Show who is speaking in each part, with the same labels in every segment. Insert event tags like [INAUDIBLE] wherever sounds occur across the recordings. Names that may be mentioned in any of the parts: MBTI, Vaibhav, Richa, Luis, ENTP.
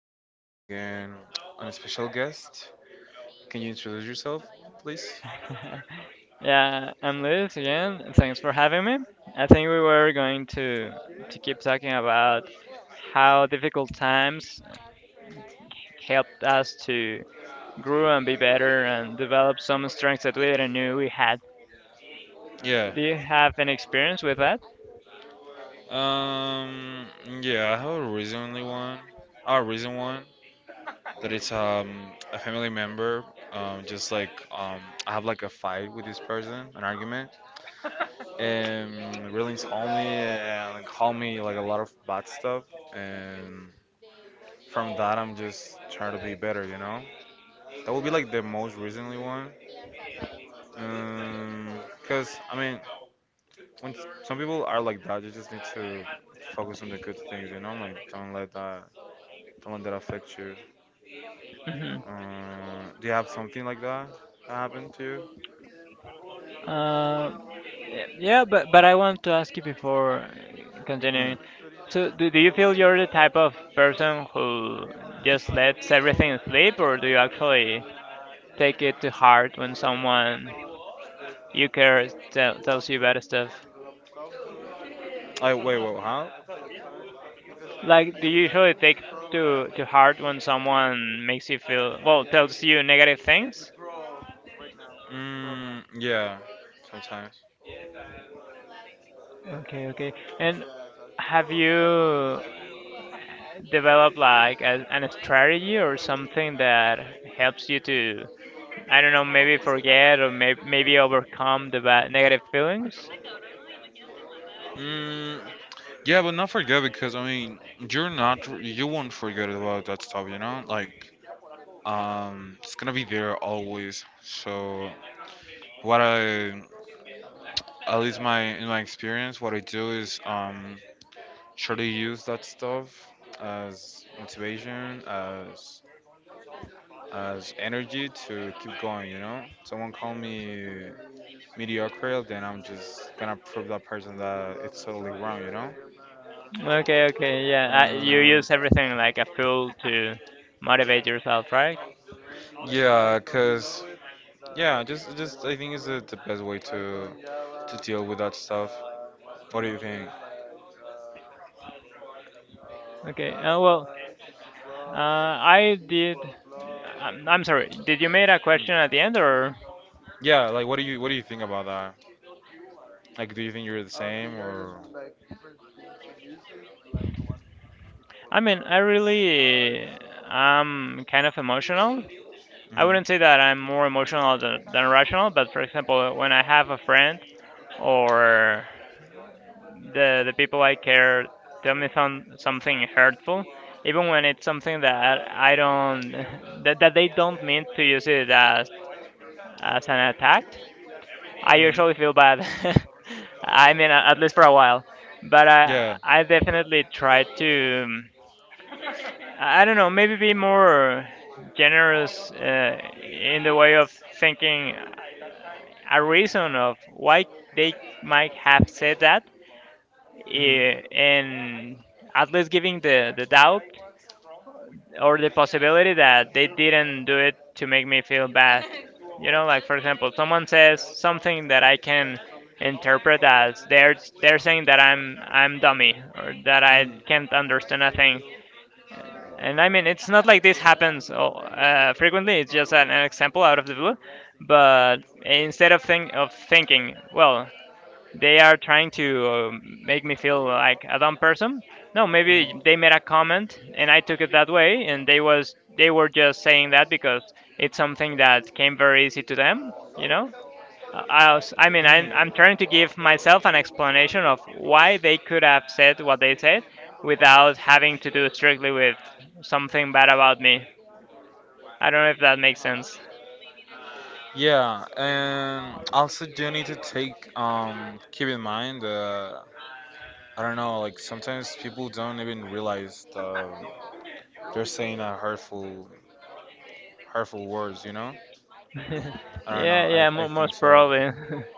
Speaker 1: have again an special guest. Can you introduce yourself, please?
Speaker 2: [LAUGHS] Yeah, I'm Luis again. Thanks for having me. I think we were going to keep talking about how difficult times helped us to grow and be better and develop some strengths that we didn't knew we had.
Speaker 1: Yeah.
Speaker 2: Do you have any experience with that?
Speaker 1: Um. Yeah, I have a recently one. A recent one that it's a family member. Just like I have like a fight with this person, an argument, and really insult me and call me like a lot of bad stuff and. From that, I'm just trying to be better, you know? That would be like the most recently one. Because I mean, when some people are like that, you just need to focus on the good things. Like, don't let that affect you.
Speaker 2: Mhm.
Speaker 1: Do you have something like that that happened to you?
Speaker 2: Uh, yeah, but I want to ask you before
Speaker 1: Mm.
Speaker 2: continuing. So, do you feel you're the type of person who just lets everything slip, or do you actually take it to heart when someone you care tells you bad stuff?
Speaker 1: I wait, wait, software how?
Speaker 2: Like, do you usually take to heart when someone makes you feel well, tells you negative things?
Speaker 1: Programming. Yeah.
Speaker 2: Okay, okay. And have you developed like an strategy or something that helps you to, I don't know, maybe forget or maybe overcome the bad negative feelings?
Speaker 1: Mm, yeah, but not forget because I mean, you won't forget about that stuff, you know? Like, it's gonna be there always. So, what I, at least my in my experience, what I do is try to use that stuff as motivation, as energy to keep going. You know, someone call me mediocre, then I'm just gonna prove that person that it's totally wrong. You know.
Speaker 2: Okay, okay, yeah. You
Speaker 1: Um,
Speaker 2: use everything like a fuel to motivate yourself, right?
Speaker 1: Yeah, cause yeah, just I think it's the best way to deal with that stuff. What do you think?
Speaker 2: Okay. Well, I did. I'm sorry. Did you make a question at the end, or?
Speaker 1: Yeah, like what do you think about that? Like, do you think you're the same or?
Speaker 2: I mean, I really am kind of emotional. I
Speaker 1: Mhm.
Speaker 2: wouldn't say that I'm more emotional than rational, but for example, when I have a friend or the people I care tell me something hurtful, even when it's something that I don't [LAUGHS] that they don't mean to use it as an attack, I
Speaker 1: Mhm.
Speaker 2: usually feel bad. [LAUGHS] I mean, at least for a while. But
Speaker 1: Yeah.
Speaker 2: I definitely try to, I don't know, maybe be more generous in the way of thinking a reason of why they might have said that,
Speaker 1: Mhm.
Speaker 2: and at least giving the doubt or the possibility that they didn't do it to make me feel bad. [LAUGHS] You know, like for example, someone says something that I can interpret as they're saying that I'm dummy or that I can't understand a thing. And I mean, it's not like this happens frequently. It's just an example out of the blue.
Speaker 1: Mhm.
Speaker 2: But instead of thinking, well, they are trying to make me feel like a dumb person. No, maybe they made a comment and I took it that way, and they were just saying that because it's something that came very easy to them. You know, I mean,
Speaker 1: Mm. Mm.
Speaker 2: I'm trying to give myself an explanation of why they could have said what they said without having to do strictly with something bad about me. I don't know if that makes sense.
Speaker 1: Yeah, and also you need to take, keep in mind, I don't know, like sometimes people don't even realize, they're saying, hurtful words.
Speaker 2: [LAUGHS]
Speaker 1: I don't know.
Speaker 2: Yeah,
Speaker 1: I
Speaker 2: yeah,
Speaker 1: I
Speaker 2: most
Speaker 1: think so,
Speaker 2: probably. [LAUGHS]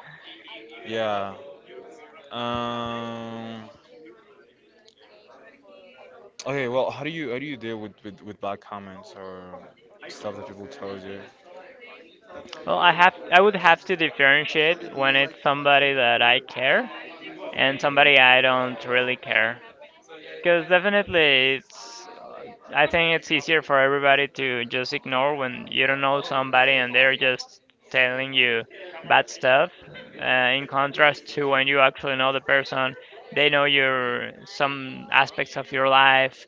Speaker 1: yeah. um okay, well, how do you deal with bad comments or stuff that people told you?
Speaker 2: Well, I would have to differentiate when it's somebody that I care and
Speaker 1: Mm.
Speaker 2: somebody I don't really care. Because definitely it's I think it's easier for everybody to just ignore when you don't know somebody and they're just telling you bad stuff. In contrast to when you actually know the person, they know your some aspects of your life.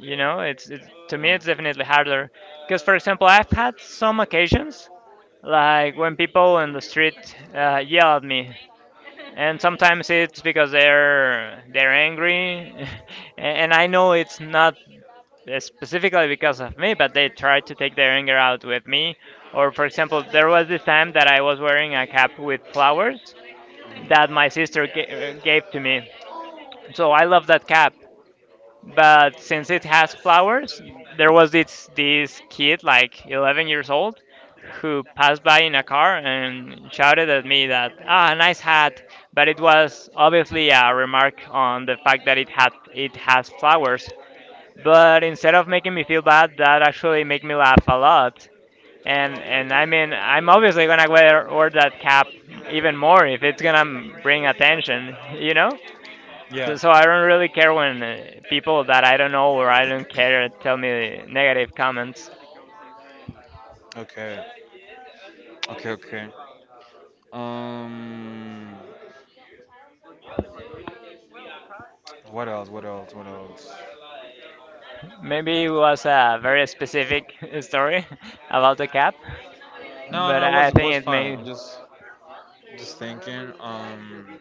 Speaker 2: You know, it's to me
Speaker 1: Mm.
Speaker 2: it's definitely harder. Because for example, I've had some occasions like when people in the street yell at me, and sometimes it's because they're angry, [LAUGHS] and I know it's not specifically because of me, but they try to take their anger out with me. Or for example, there was this time that I was wearing a cap with flowers that my
Speaker 1: Hmm.
Speaker 2: sister gave to me. So I love that cap, but since it has flowers, there was this kid like 11 years old who passed by in a car and shouted at me that ah nice hat, but it was obviously a remark on the fact that it has flowers. But instead of making me feel bad, that actually made me laugh a lot. And I mean I'm obviously gonna wear that cap even more if it's gonna bring attention, [LAUGHS] you know? So,
Speaker 1: Yeah.
Speaker 2: so I don't really care when people that I don't know or I don't care tell me negative comments.
Speaker 1: Okay. Okay. Okay. Um. What else? What else? What else?
Speaker 2: Maybe it was a very specific [LAUGHS] story [LAUGHS] about the cap,
Speaker 1: No,
Speaker 2: but
Speaker 1: no, it
Speaker 2: I
Speaker 1: was
Speaker 2: think it
Speaker 1: fine.
Speaker 2: may.
Speaker 1: I'm just thinking.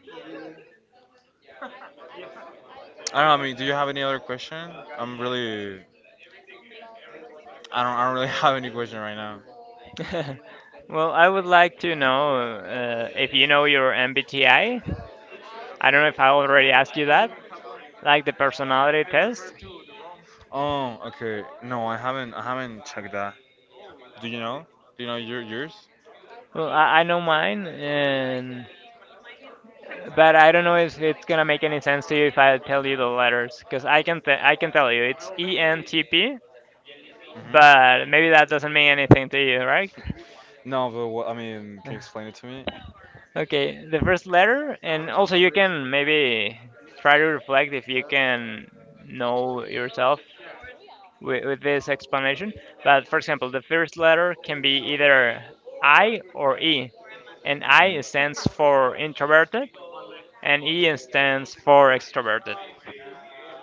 Speaker 1: I don't know. I mean, do you have any other question? I'm really. I don't. I don't really [LAUGHS] have any question right now.
Speaker 2: [LAUGHS] Well, I would like to know if you know your MBTI. I don't know if I already asked you that, like the personality test.
Speaker 1: Oh, okay. No, I haven't. I haven't checked that. Do you know? Do you know yours?
Speaker 2: Well, I know mine, and but I don't know if it's gonna make any sense to you if I tell you the letters, because I can tell you it's ENTP,
Speaker 1: Hmm.
Speaker 2: but maybe that doesn't mean anything to you, right?
Speaker 1: No, but I mean, can you
Speaker 2: [LAUGHS]
Speaker 1: explain it to me?
Speaker 2: Okay, the first letter, and also you can maybe try to reflect if you can know yourself with this explanation. But for example, the first letter can be either I or E, and I
Speaker 1: Hmm.
Speaker 2: stands for introverted, and E stands for extroverted.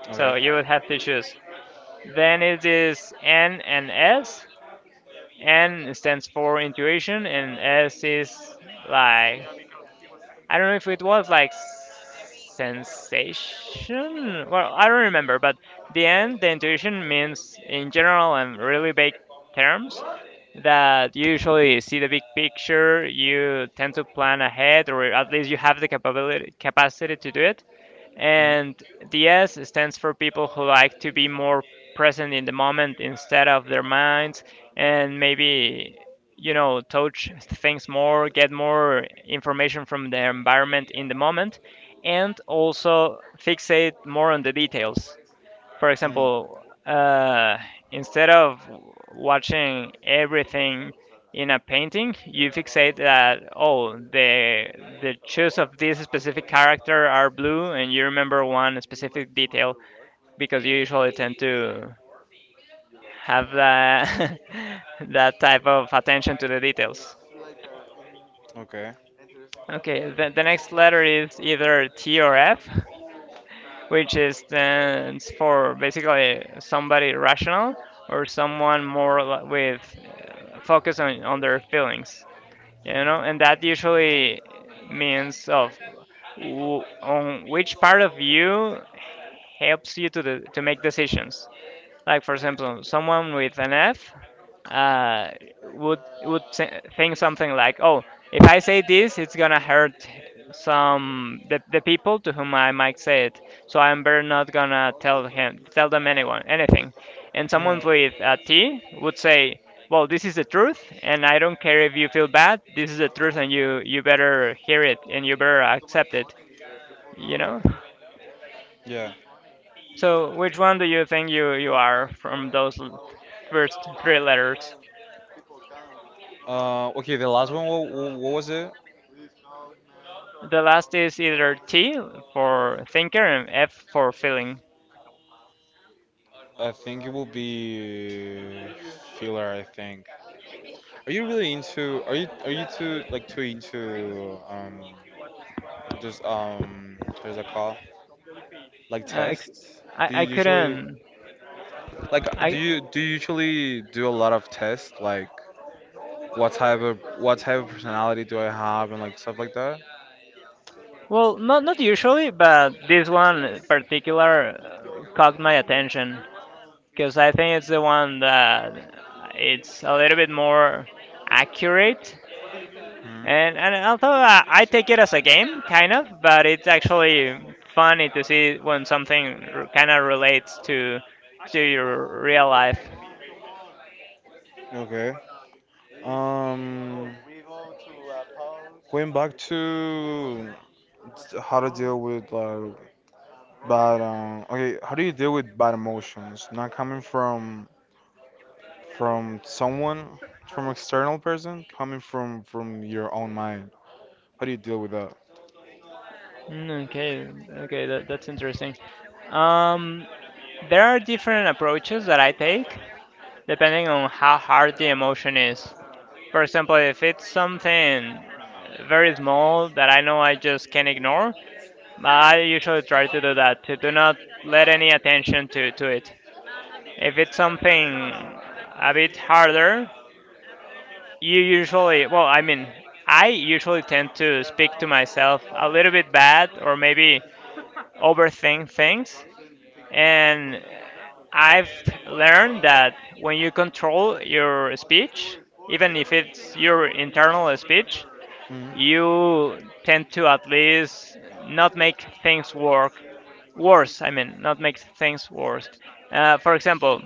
Speaker 1: Okay.
Speaker 2: So you would have to choose. Then it is N and S. N stands for intuition, and S is like I don't know if it was like sensation. Well, I don't remember, but the N, the intuition means in general and really big terms that you usually see the big picture. You tend to plan ahead, or at least you have the capability capacity to do it.
Speaker 1: Hmm.
Speaker 2: And the S stands for people who like to be more present in the moment instead of their minds and maybe, you know, touch things more, get more information from the environment in the moment, and also fixate more on the details for
Speaker 1: Hmm.
Speaker 2: example, uh, instead of watching everything in a painting, you fixate that oh the shoes of this specific character are blue, and you remember one specific detail because you usually tend to have that [LAUGHS] that type of attention to the details.
Speaker 1: Okay.
Speaker 2: Okay, the next letter is either T or F, which is stands for basically somebody rational or someone more with focus on their feelings, you know, and that usually means of on which part of you helps you to to make decisions, like for example someone with an F uh, would think something like, "Oh, if I say this, it's gonna hurt some the people to whom I might say it, so I'm better not gonna tell them anyone anything." And someone with
Speaker 1: Hmm.
Speaker 2: a T would say, "Well, this is the truth, and I don't care if you feel bad. This is the truth, and you better hear it and you better accept it." You know.
Speaker 1: Yeah.
Speaker 2: So, which one do you think you are from those first three letters?
Speaker 1: Okay, the last one, what was it?
Speaker 2: The last is either T for thinker and F for feeling.
Speaker 1: I think it will be filler, I think. Are you really are you too, like, too into, just, there's a call? Like
Speaker 2: Uh, ex-
Speaker 1: tests? Do you
Speaker 2: I
Speaker 1: usually,
Speaker 2: couldn't.
Speaker 1: like, do
Speaker 2: I
Speaker 1: you do you usually do a lot of tests? Like what type of personality do I have and like stuff like that?
Speaker 2: well, not not usually, but this one in particular caught my attention because I think it's the one that it's a little bit more accurate.
Speaker 1: Hmm.
Speaker 2: And although I take it as a game, kind of, but it's actually funny to see when something kind of relates to your real life.
Speaker 1: Okay. Um. Going back to how to deal with like bad. Okay. How do you deal with bad emotions? Not coming from someone, from external person, coming from your own mind. How do you deal with that?
Speaker 2: Mm, okay, okay, that's interesting. Um, there are different approaches that I take depending on how hard the emotion is. For example, if it's something very small that I know I just can ignore, I usually try to do that, to do not let any attention to it. If it's something a bit harder, you usually, well, I mean, I usually tend to speak to myself a little bit bad or maybe overthink things. And I've learned that when you control your speech, even if it's your internal speech,
Speaker 1: Hmm.
Speaker 2: you tend to at least not make things work worse. I mean, not make things worse. For example,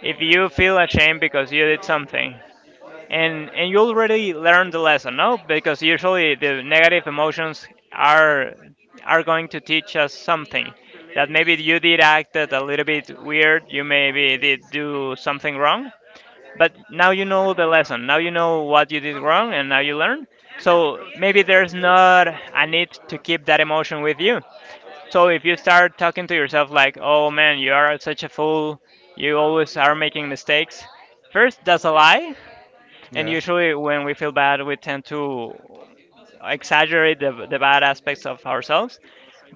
Speaker 2: if you feel ashamed because you did something, and you already learned the lesson, no, because usually the negative emotions are are going to teach us something, that maybe you did acted a little bit weird, you maybe did do something wrong, but now you know the lesson, now you know what you did wrong, and now you learn. So maybe there's not a need to keep that emotion with you. So if you start talking to yourself like oh man, you are such a fool, you always are making mistakes, first, that's a lie, and
Speaker 1: Yeah.
Speaker 2: usually, when we feel bad, we tend to exaggerate the bad aspects of ourselves.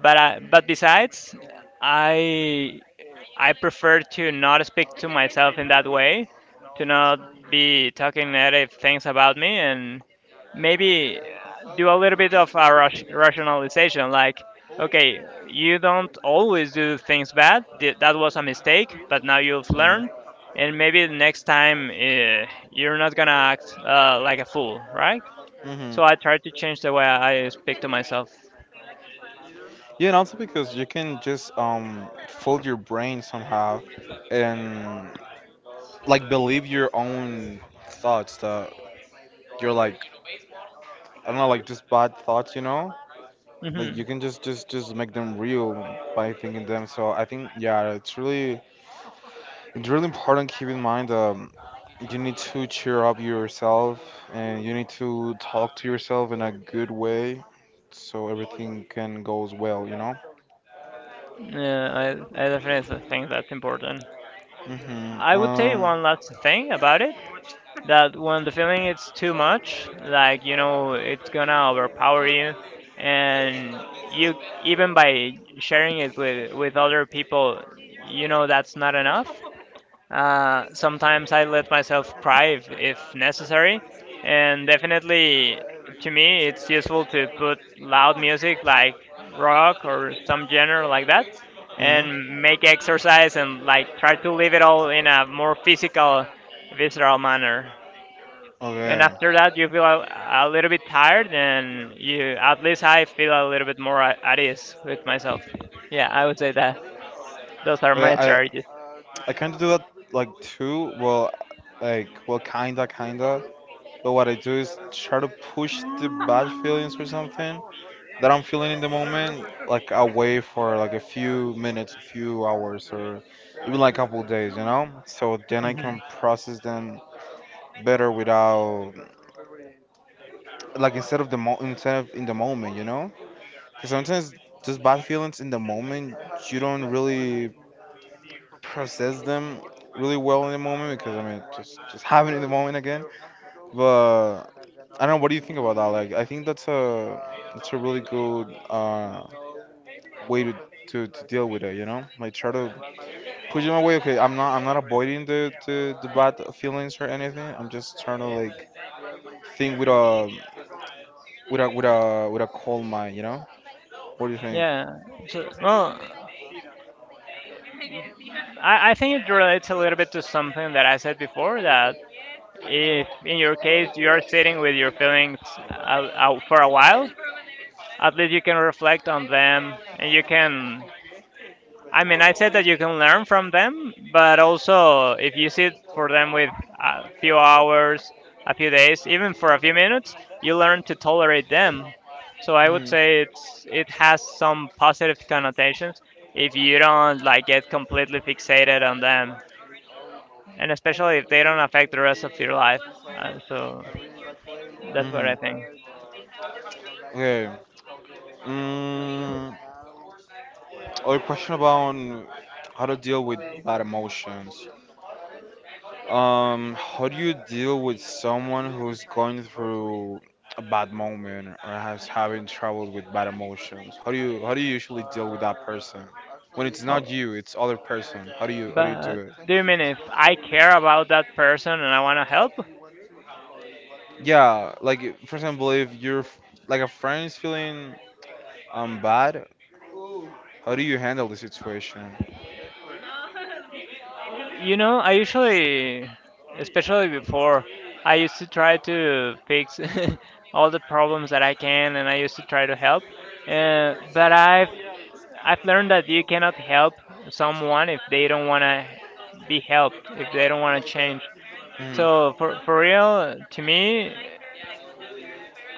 Speaker 2: But besides, I I prefer to not speak to myself in that way, to not be talking negative things about me, and maybe do a little bit of a rationalization like, okay, you don't always do things bad. That was a mistake, but now you've
Speaker 1: Mm-hmm.
Speaker 2: learned, and maybe the next time you're not gonna act like a fool, right?
Speaker 1: Mm-hmm.
Speaker 2: So I try to change the way I speak to myself.
Speaker 1: Yeah, and also because you can just fold your brain somehow and like believe your own thoughts that you're like I don't know like just bad thoughts, you know? Like
Speaker 2: Hmm.
Speaker 1: you can just make them real by thinking them. So I think yeah, it's really important to keep in mind, you need to cheer up yourself, and you need to talk to yourself in a good way, so everything can goes well, you know?
Speaker 2: Yeah, I definitely think that's important.
Speaker 1: Mm-hmm.
Speaker 2: I would say one last thing about it that when the feeling is too much, like you know, it's gonna overpower you, and you even by sharing it with other people, you know that's not enough. Sometimes I let myself thrive if necessary, and definitely to me it's useful to put loud music like rock or some genre like that
Speaker 1: Mhm.
Speaker 2: and make exercise and like try to live it all in a more physical, visceral manner. And
Speaker 1: Okay.
Speaker 2: after that, you feel a little bit tired, and you at least I feel a little bit more at ease with myself. Yeah, I would say that those are
Speaker 1: Okay,
Speaker 2: my
Speaker 1: I
Speaker 2: strategies.
Speaker 1: I kind of do that like too. Well, like well, kinda, kinda. But what I do is try to push the bad feelings or something that I'm feeling in the moment like away for like a few minutes, a few hours, or even like a couple days. So then I
Speaker 2: Hmm
Speaker 1: can process them better without like instead of in the moment. Because sometimes just bad feelings in the moment you don't really process them really well in the moment because I mean just having it in the moment again. But I don't know. What do you think about that? Like I think that's a really good, way to deal with it. You know, like try to push them away. Okay, I'm not avoiding the bad feelings or anything. I'm just trying to like think with a calm mind. You know, what do you think?
Speaker 2: Yeah. So, well, I think it relates a little bit to something that I said before that if in your case you are sitting with your feelings out for a while, at least you can reflect on them and you can. I mean, I said that you can learn from them, but also if you sit for them with a few hours, a few days, even for a few minutes, you learn to tolerate them. So I would
Speaker 1: Hmm.
Speaker 2: say it has some positive connotations if you don't like get completely fixated on them and especially if they don't affect the rest of your life. So that's what
Speaker 1: Mhm.
Speaker 2: I think.
Speaker 1: Okay. Mm, other question about how to deal with bad emotions. How do you deal with someone who's going through a bad moment or has having trouble with bad emotions? How do you usually deal with that person? When it's not
Speaker 2: Oh,
Speaker 1: you, it's other person. How do you do
Speaker 2: but
Speaker 1: it?
Speaker 2: do you mean if I care about that person and I want to help?
Speaker 1: Yeah, like for example, if your like a friend is feeling, bad, how do you handle the situation?
Speaker 2: You know, I usually, especially before, I used to try to fix [LAUGHS] all the problems that I can, and I used to try to help. But I've learned that you cannot help someone if they don't want to be helped, if they don't want to change.
Speaker 1: Mhm.
Speaker 2: So for real, to me,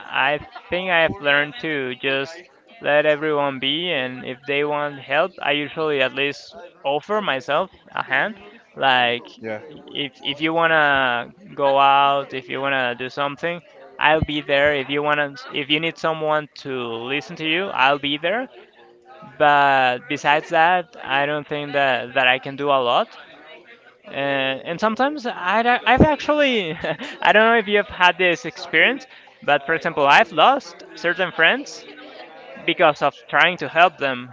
Speaker 2: I think I've learned to just let everyone be, and if they want help, I usually at least offer myself a hand. Like
Speaker 1: Yeah.
Speaker 2: if you wanna go out, if you wanna do something, I'll be there. If you wanna, if you need someone to listen to you, I'll be there. But besides that, I don't think that I can do a lot and sometimes I've actually [LAUGHS] I don't know if you've had this experience, but for example, I've lost certain friends because of trying to help them.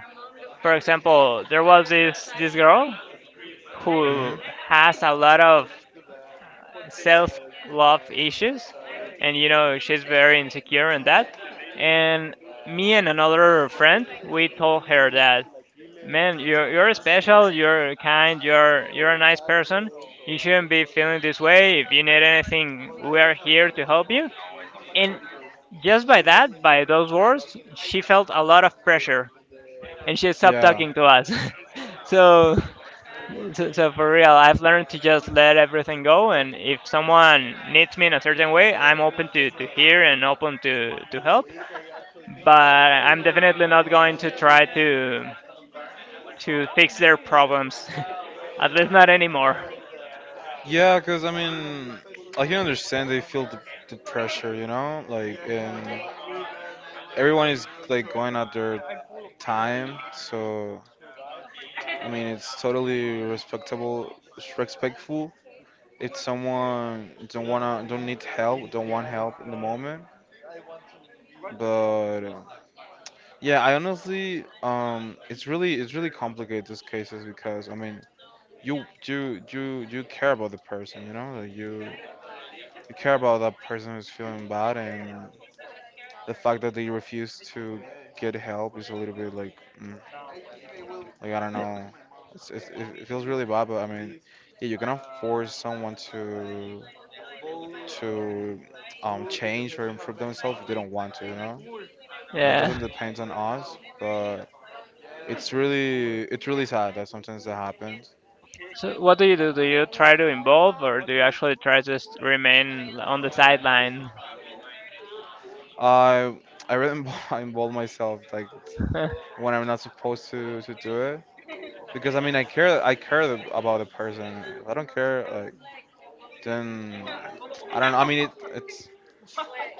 Speaker 2: For example, there was this girl who
Speaker 1: Mhm.
Speaker 2: has a lot of self love issues, and you know she's very insecure in that. And me and another friend we told her that Man, you're special. You're kind. You're a nice person. You shouldn't be feeling this way. If you need anything, we are here to help you. And just by that, by those words, she felt a lot of pressure, and she stopped
Speaker 1: Yeah.
Speaker 2: talking to us. [LAUGHS] so, so for real, I've learned to just let everything go. And if someone needs me in a certain way, I'm open to hear and open to help. But I'm definitely not going to try to fix their problems. [LAUGHS] At least not anymore.
Speaker 1: Yeah, because I mean, I can understand they feel the pressure, you know? Like, and everyone is like going at their time, so I mean, it's totally respectable, respectful. If someone don't wanna, don't need help, don't want help in the moment, but yeah, I honestly, it's really complicated these cases because I mean, you care about the person, you know, like you. You care about that person who's feeling bad, and the fact that they refuse to get help is a little bit like, like I don't know. It feels really bad, but I mean, yeah, you cannot force someone to to change or improve themselves if they don't want to, you know? It
Speaker 2: Yeah.
Speaker 1: doesn't depend on us, but it's really sad that sometimes that happens.
Speaker 2: So what do you do? Do you try to involve or do you actually try to just remain on the sideline?
Speaker 1: I I really involve, [LAUGHS] involve myself like
Speaker 2: [LAUGHS]
Speaker 1: when I'm not supposed to do it. Because I mean, I care about a person. If I don't care, like then I don't know. I mean, it's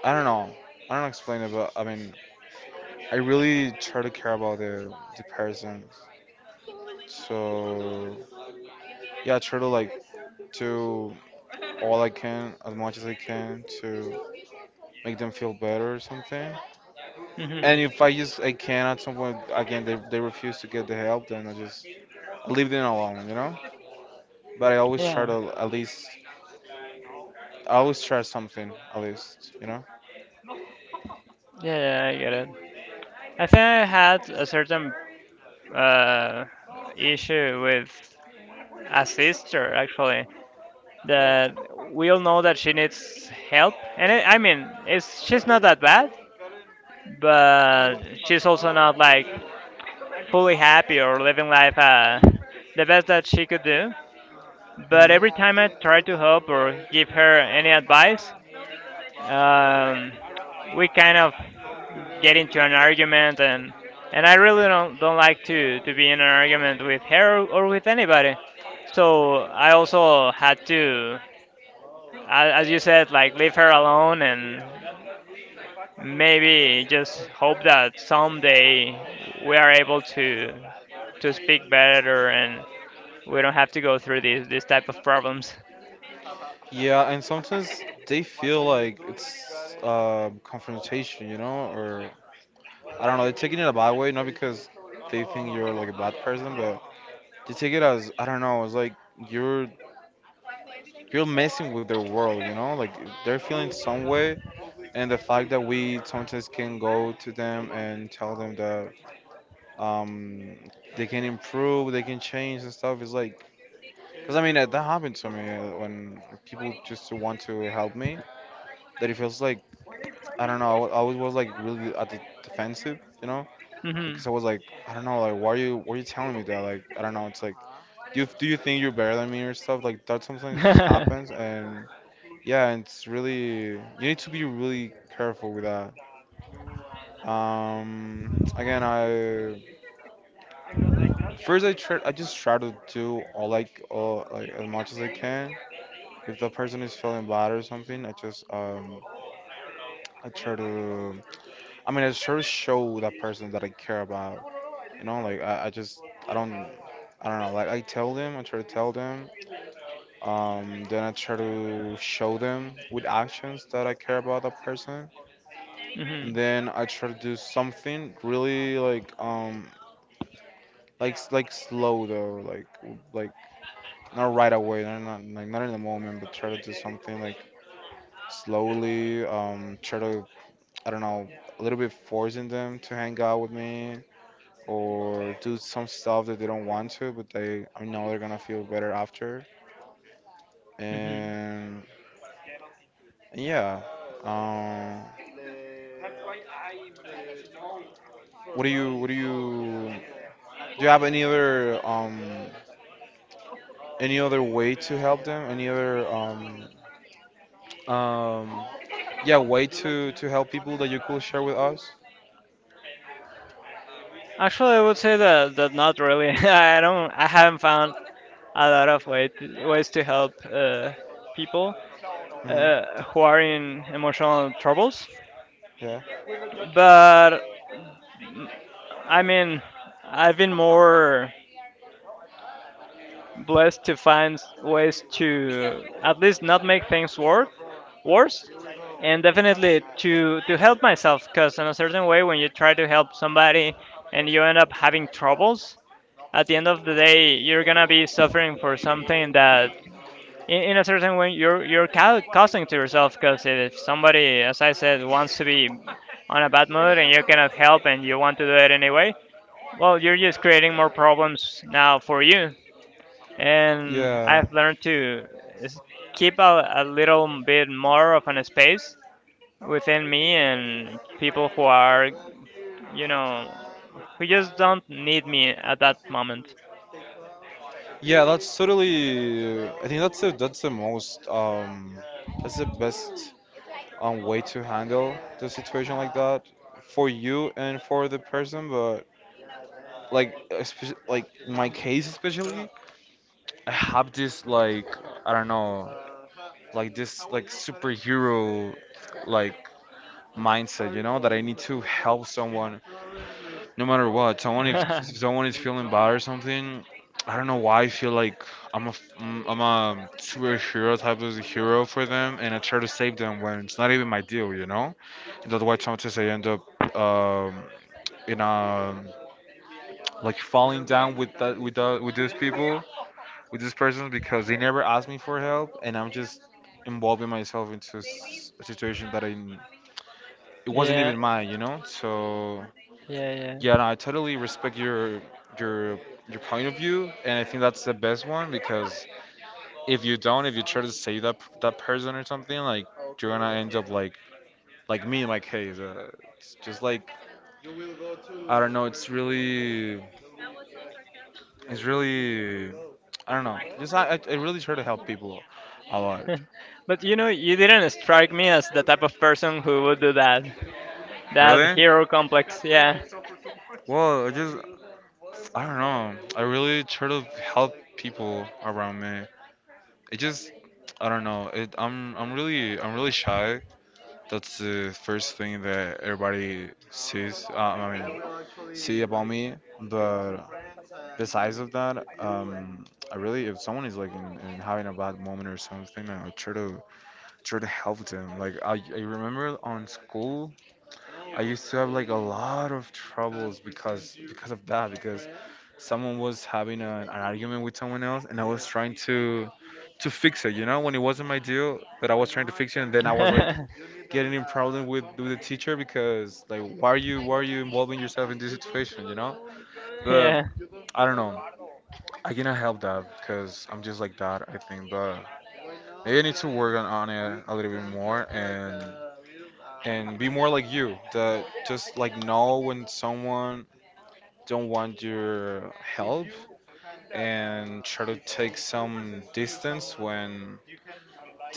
Speaker 1: I don't know. I don't know explain it, but I mean, I really try to care about the person. So yeah, I try to like do all I can, as much as I can, to make them feel better or something. And
Speaker 2: hmm
Speaker 1: if I can at some point again, they refuse to get the help, then I leave them alone. But I always try
Speaker 2: Yeah.
Speaker 1: to at least, I always try something, at least, you know?
Speaker 2: Yeah, yeah, I get it. I think I had a certain uh, issue with a sister actually that we all know that she needs help, and it, I mean, it's she's not that bad, but she's also not like fully happy or living life the best that she could do. But
Speaker 1: Hmm.
Speaker 2: every time I try to help or give her any advice, um, we kind of get into an argument, and I really don't like to be in an argument with her or with anybody. So I also had to, as you said, like leave her alone and maybe just hope that someday we are able to speak better and we don't have to go through these type of problems.
Speaker 1: Yeah, and sometimes they feel like it's, confrontation, or I don't know, they're taking it a bad way, not because they think you're like a bad person, but they take it as I don't know, it's like you're you're messing with their world, like they're feeling some way, and the fact that we sometimes can go to them and tell them that um they can improve, they can change and stuff. It's like because I mean, that happened to me, when people just want to help me, that it feels like I don't know. I always was like really at the defensive,
Speaker 2: Hmm
Speaker 1: because I was like I don't know like why are you telling me that like I don't know it's like do you think you're better than me or stuff like that sometimes just happens
Speaker 2: hmm
Speaker 1: and yeah and it's really you need to be really careful with that, again, I first, I just try to do all like as much as I can. If the person is feeling bad or something, I just, I try to I mean, I try to show that person that I care about. You know, like I just I don't know. Like I tell them, I try to tell them. Then I try to show them with actions that I care about that person, and then I try to do something really like like slow though, like like not right away, not like not in the moment, but try to do something like slowly. Try to I don't know, a little bit forcing them to hang out with me or do some stuff that they don't want to, but they I know they're gonna feel better after.
Speaker 2: hmm [LAUGHS]
Speaker 1: And yeah, um, what do you have any other, any other way to help them? Any other um yeah way to help people that you could share with us?
Speaker 2: Actually, I would say that not really. [LAUGHS] I don't. I haven't found a lot of way to, ways to help people who are in emotional troubles.
Speaker 1: Yeah.
Speaker 2: But I mean, I've been more blessed to find ways to at least not make things worse and definitely to help myself because in a certain way when you try to help somebody and you end up having troubles at the end of the day you're gonna be suffering for something that in a certain way you're causing to yourself because if somebody as I said wants to be on a bad mood and you cannot help and you want to do it anyway well you're just creating more problems now for you and
Speaker 1: Yeah.
Speaker 2: I've learned to s- keep a little bit more of an space within me and people who are, you know, who just don't need me at that moment.
Speaker 1: Yeah, that's totally I think that's the most that's the best way to handle the situation like that for you and for the person. But like especially, like in my case especially, I have this, like, I don't know, like this, like, superhero, like, mindset, you know, that I need to help someone no matter what.
Speaker 2: [LAUGHS]
Speaker 1: Someone If
Speaker 2: Yeah,
Speaker 1: someone is feeling bad or something, I don't know why I feel like I'm a I'm a superhero type of hero for them, and I try to save them when it's not even my deal, you know. And that's why sometimes I end up, um, in a, like, falling down with that with that with these people, with these persons, because they never ask me for help, and I'm just involving myself into a situation that I it wasn't
Speaker 2: yeah,
Speaker 1: even mine, you know. So
Speaker 2: yeah.
Speaker 1: yeah, no, I totally respect your your point of view, and I think that's the best one, because if you don't, if you try to save that person or something, like you're gonna end up like me in my case. It's just like, I don't know. It's really I don't know. Just I really try to help people a lot.
Speaker 2: [LAUGHS] But you know, you didn't strike me as the type of person who would do that. That
Speaker 1: Really?
Speaker 2: hero complex, yeah.
Speaker 1: Well, I just, I don't know. I really try to help people around me. It just, I don't know. It, I'm really shy. That's the first thing that everybody sees. I mean, see about me. But besides of that, I really, if someone is like in having a bad moment or something, I try to, try to help them. Like I remember on school I used to have like a lot of troubles, because of that because someone was having a, an argument with someone else, and I was trying to fix it, you know, when it wasn't my deal. But I was trying to fix it, and then
Speaker 2: [LAUGHS]
Speaker 1: I was like
Speaker 2: Yeah,
Speaker 1: getting in problem with the teacher, because like, why are you involving yourself in this situation, you know? But
Speaker 2: yeah,
Speaker 1: I don't know, I cannot help that, because I'm just like that, I think. But maybe I need to, like, work on it a little bit more, like, and be more like you. That just like know when someone don't want your help, and try to take some distance when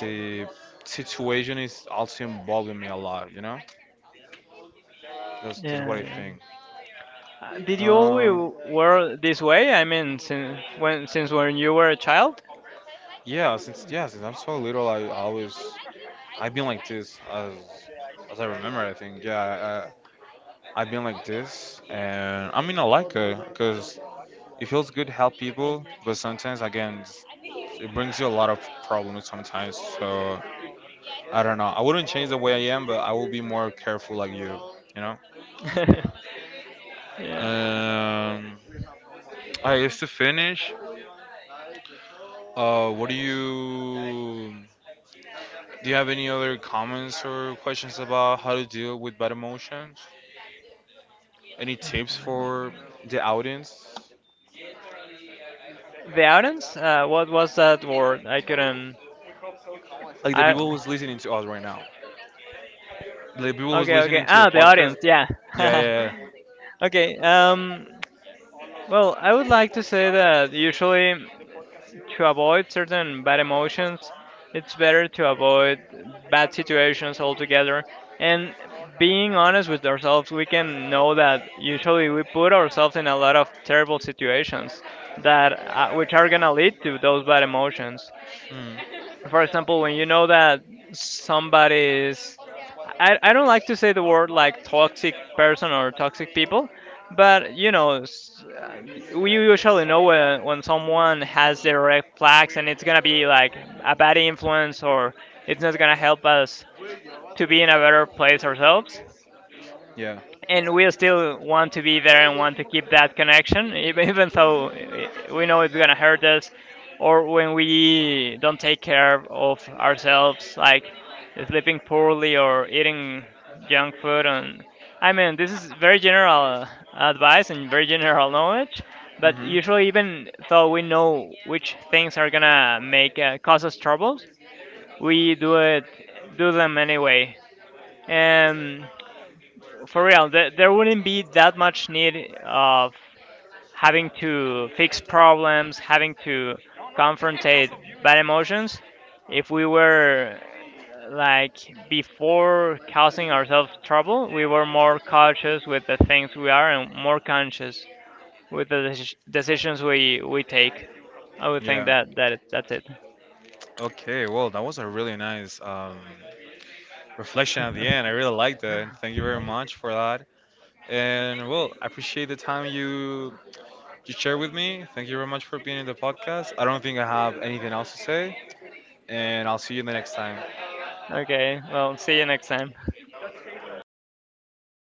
Speaker 1: the situation is also involving me a lot. You know, that's what I
Speaker 2: yeah.
Speaker 1: think.
Speaker 2: Did you always
Speaker 1: Um,
Speaker 2: were this way? I mean, since when you were a child?
Speaker 1: yeah, since yeah, since I'm so little, I always. I've been like this as I remember. I think, yeah, have been like this. And I mean, I like it, because it feels good to help people. But sometimes again, it brings you a lot of problems sometimes. So I don't know, I wouldn't change the way I am, but I will be more careful like you. You know.
Speaker 2: [LAUGHS] Yeah.
Speaker 1: Um, I used to finish. What do you? Do you have any other comments or questions about how to deal with bad emotions? Any tips for the audience?
Speaker 2: The audience? What was that word? I couldn't.
Speaker 1: Like the
Speaker 2: I
Speaker 1: people who's listening to us right now. The people who's
Speaker 2: Okay, okay.
Speaker 1: listening to the
Speaker 2: Ah, the
Speaker 1: podcast.
Speaker 2: audience, yeah.
Speaker 1: Yeah,
Speaker 2: [LAUGHS]
Speaker 1: yeah,
Speaker 2: Okay, well, I would like to say that usually to avoid certain bad emotions, it's better to avoid bad situations altogether. And being honest with ourselves, we can know that usually we put ourselves in a lot of terrible situations that which are gonna lead to those bad emotions.
Speaker 1: yeah. Mm,
Speaker 2: For example, when you know that somebody is, I don't like to say the word like toxic person or toxic people, but you know, we usually know when someone has their red flags and it's gonna be like a bad influence or it's not gonna help us to be in a better place ourselves
Speaker 1: yeah.
Speaker 2: and we still want to be there and want to keep that connection, even [LAUGHS] even though we know it's gonna hurt us, or when we don't take care of ourselves, like sleeping poorly or eating junk food. And I mean, this is very general advice and very general knowledge. But
Speaker 1: Hmm.
Speaker 2: usually, even though we know which things are gonna make cause us troubles, we do it, do them anyway. Um, for real, there wouldn't be that much need of having to fix problems, having to confrontate bad emotions if we were like before causing ourselves trouble, we were more cautious with the things we are and more conscious with the decisions we take. I would think
Speaker 1: Yeah.
Speaker 2: that's it.
Speaker 1: Okay, well, that was a really nice, reflection at the end. I really liked that. Thank you very much for that. And well, I appreciate the time you shared with me. Thank you very much for being in the podcast. I don't think I have anything else to say, and I'll see you the next time.
Speaker 2: Okay, well, see you next time.